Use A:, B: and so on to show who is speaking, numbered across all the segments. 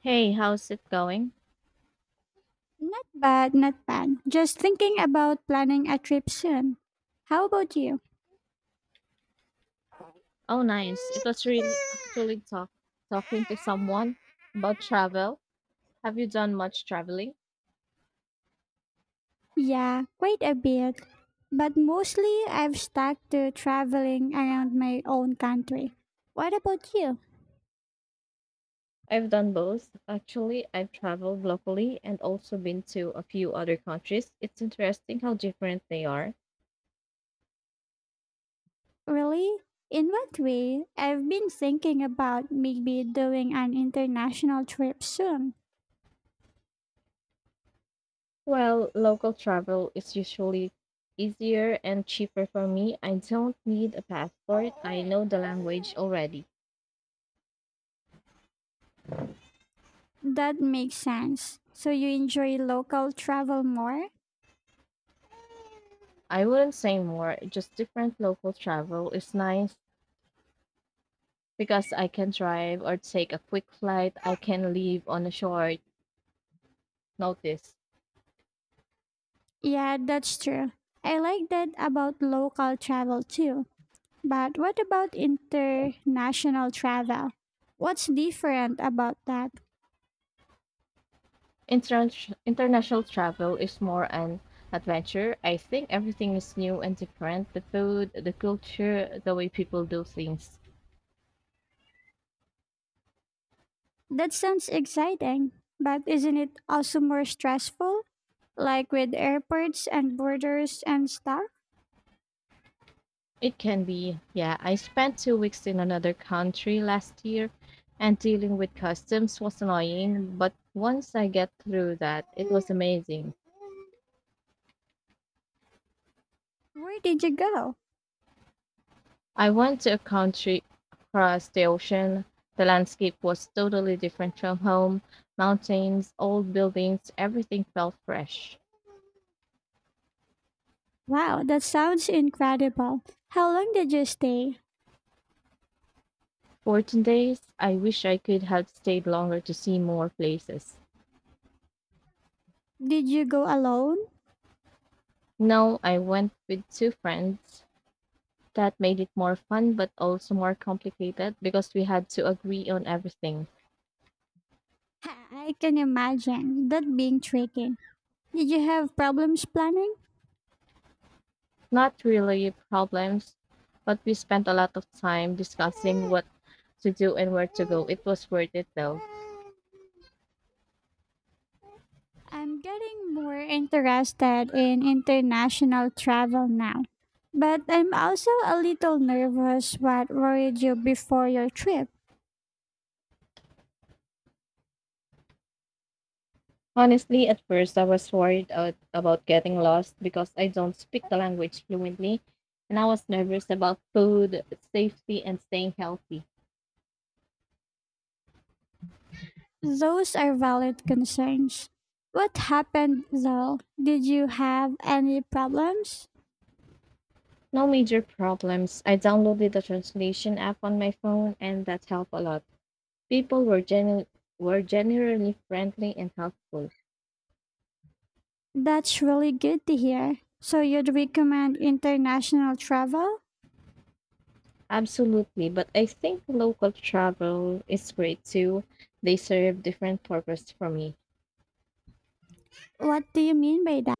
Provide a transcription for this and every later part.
A: Hey, how's it going?
B: Not bad, not bad. Just thinking about planning a trip soon. How about you?
A: Oh, nice. It was really actually talk talking to someone about travel. Have you done much traveling?
B: Yeah, quite a bit. But mostly I've stuck to traveling around my own country. What about you?
A: I've done both. Actually, I've traveled locally and also been to a few other countries. It's interesting how different they are.
B: Really? In what way? I've been thinking about maybe doing an international trip soon.
A: Well, local travel is usually easier and cheaper for me. I don't need a passport. I know the language already.
B: That makes sense. So you enjoy local travel more?
A: I wouldn't say more, just different local travel is nice. Because I can drive or take a quick flight, I can leave on a short notice.
B: Yeah, that's true. I like that about local travel too, but what about international travel? What's different about that?
A: Inter- International travel is more an adventure. I think everything is new and different, the food, the culture, the way people do things.
B: That sounds exciting, but isn't it also more stressful? Like with airports and borders and stuff?
A: It can be, yeah. I spent 2 weeks in another country last year, and dealing with customs was annoying, but once I get through that, it was amazing.
B: Where did you go?
A: I went to a country across the ocean. The landscape was totally different from home, mountains, old buildings, everything felt fresh.
B: Wow, that sounds incredible. How long did you stay?
A: 14 days, I wish I could have stayed longer to see more places.
B: Did you go alone?
A: No, I went with two friends. That made it more fun but also more complicated because we had to agree on everything.
B: Ha, I can imagine that being tricky. Did you have problems planning?
A: Not really problems, but we spent a lot of time discussing what to do and where to go. It was worth it though.
B: I'm getting more interested in international travel now, but I'm also a little nervous. What worried you before your trip?
A: Honestly, at first I was worried out about getting lost because I don't speak the language fluently, and I was nervous about food, safety, and staying healthy.
B: Those are valid concerns. What happened though? Did you have any problems?
A: No major problems. I downloaded the translation app on my phone, and that helped a lot. People were were generally friendly and helpful.
B: That's really good to hear. So you'd recommend international travel?
A: Absolutely, but I think local travel is great too. They serve different purpose for me.
B: What do you mean by that?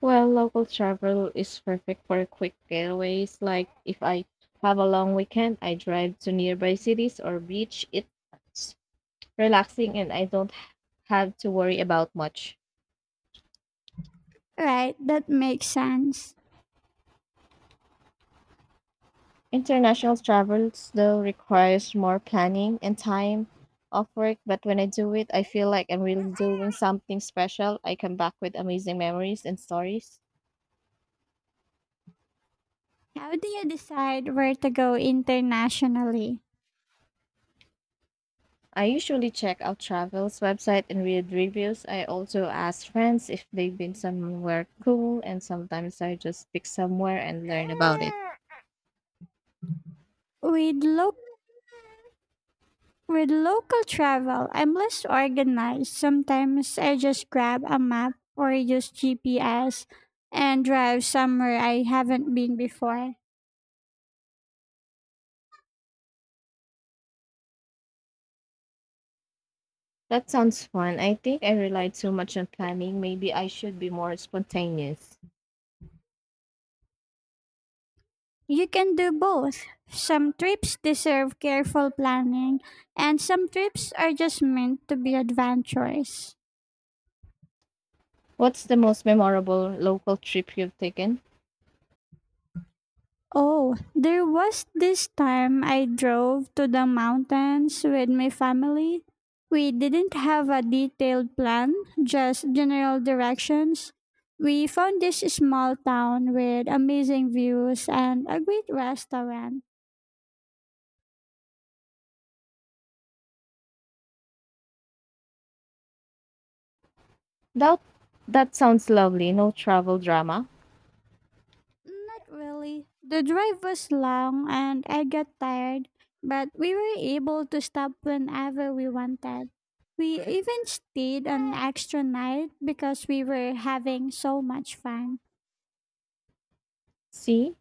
A: Well, local travel is perfect for quick getaways. Like if I have a long weekend, I drive to nearby cities or beach. It's relaxing and I don't have to worry about much.
B: Right, that makes sense.
A: International travels, though, requires more planning and time off work. But when I do it, I feel like I'm really doing something special. I come back with amazing memories and stories.
B: How do you decide where to go internationally?
A: I usually check out travels website and read reviews. I also ask friends if they've been somewhere cool and sometimes I just pick somewhere and learn about it.
B: We'd look With local travel, I'm less organized. Sometimes I just grab a map or use GPS and drive somewhere I haven't been before.
A: That sounds fun. I think I relied too much on planning. Maybe I should be more spontaneous.
B: You can do both. Some trips deserve careful planning, and some trips are just meant to be adventurous.
A: What's the most memorable local trip you've taken?
B: Oh, there was this time I drove to the mountains with my family. We didn't have a detailed plan, just general directions. We found this small town with amazing views and a great restaurant.
A: That that sounds lovely. No travel drama.
B: Not really. The drive was long and I got tired, but we were able to stop whenever we wanted. We even stayed an extra night because we were having so much fun.
A: See?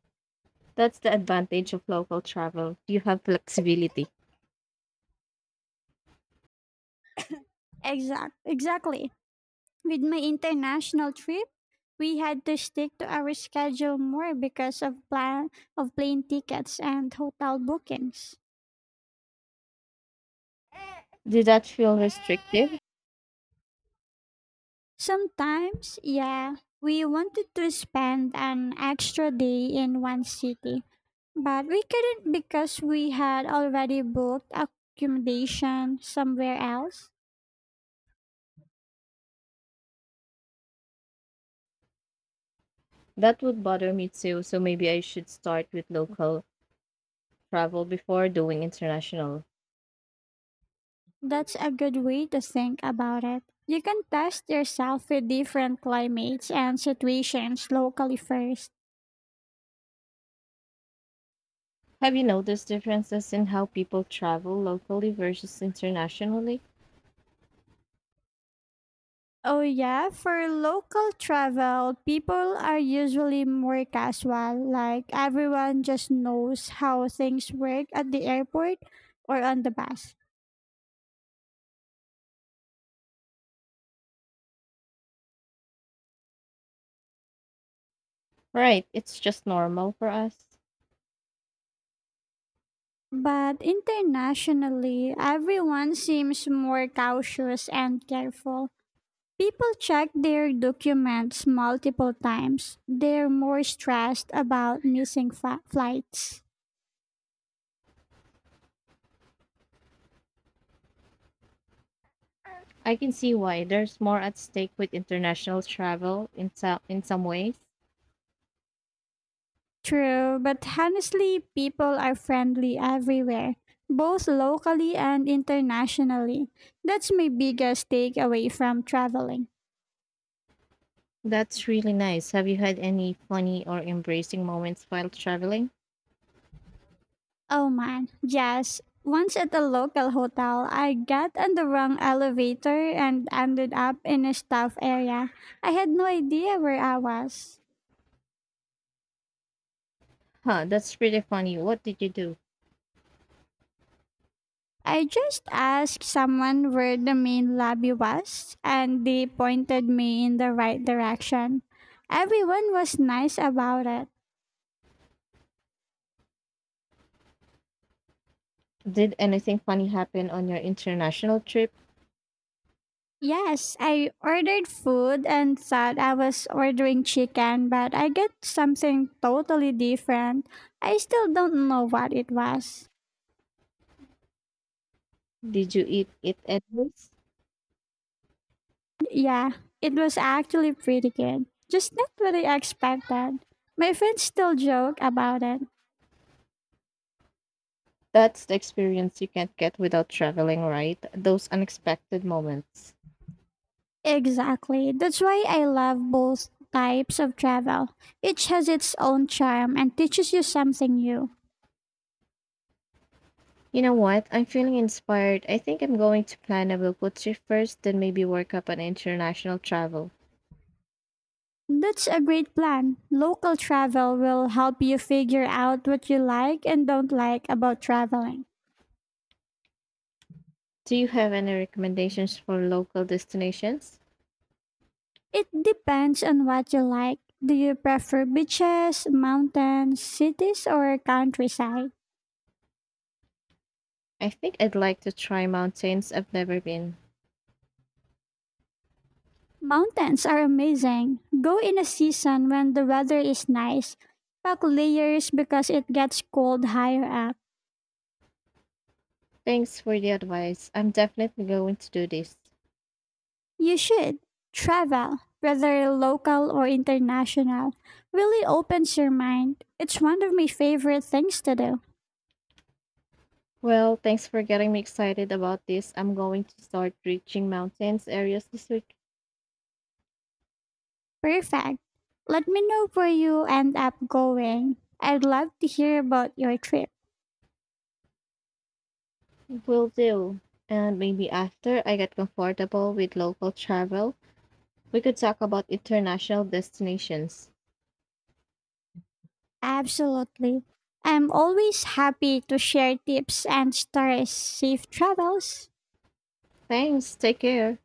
A: That's the advantage of local travel. You have flexibility.
B: Exactly. With my international trip, we had to stick to our schedule more because of plane tickets and hotel bookings.
A: Did that feel restrictive?
B: Sometimes, yeah, we wanted to spend an extra day in one city, but we couldn't because we had already booked accommodation somewhere else.
A: That would bother me too, so maybe I should start with local travel before doing international.
B: That's a good way to think about it. You can test yourself with different climates and situations locally first.
A: Have you noticed differences in how people travel locally versus internationally?
B: Oh, yeah, for local travel, people are usually more casual, like everyone just knows how things work at the airport or on the bus.
A: Right, it's just normal for us.
B: But internationally, everyone seems more cautious and careful. People check their documents multiple times. They're more stressed about missing flights.
A: I can see why there's more at stake with international travel in some ways.
B: True, but honestly, people are friendly everywhere, both locally and internationally. That's my biggest takeaway from traveling.
A: That's really nice. Have you had any funny or embracing moments while traveling?
B: Oh man, yes. Once at a local hotel, I got on the wrong elevator and ended up in a staff area. I had no idea where I was.
A: Huh, that's pretty funny. What did you do?
B: I just asked someone where the main lobby was, and they pointed me in the right direction. Everyone was nice about it.
A: Did anything funny happen on your international trip?
B: Yes, I ordered food and thought I was ordering chicken, but I got something totally different. I still don't know what it was.
A: Did you eat it at least?
B: Yeah, it was actually pretty good, just not what I expected. My friends still joke about it.
A: That's the experience you can't get without traveling, right? Those unexpected moments.
B: Exactly. That's why I love both types of travel. Each has its own charm and teaches you something new.
A: You know what? I'm feeling inspired. I think I'm going to plan a Bilput trip first, then maybe work up on international travel.
B: That's a great plan. Local travel will help you figure out what you like and don't like about traveling.
A: Do you have any recommendations for local destinations?
B: It depends on what you like. Do you prefer beaches, mountains, cities, or countryside?
A: I think I'd like to try mountains I've never been.
B: Mountains are amazing. Go in a season when the weather is nice. Pack layers because it gets cold higher up.
A: Thanks for the advice. I'm definitely going to do this.
B: You should. Travel, whether local or international, really opens your mind. It's one of my favorite things to do.
A: Well, thanks for getting me excited about this. I'm going to start reaching mountains areas this week.
B: Perfect. Let me know where you end up going. I'd love to hear about your trip.
A: Will do. And maybe after I get comfortable with local travel, we could talk about international destinations.
B: Absolutely. I'm always happy to share tips and stories. Safe travels.
A: Thanks. Take care.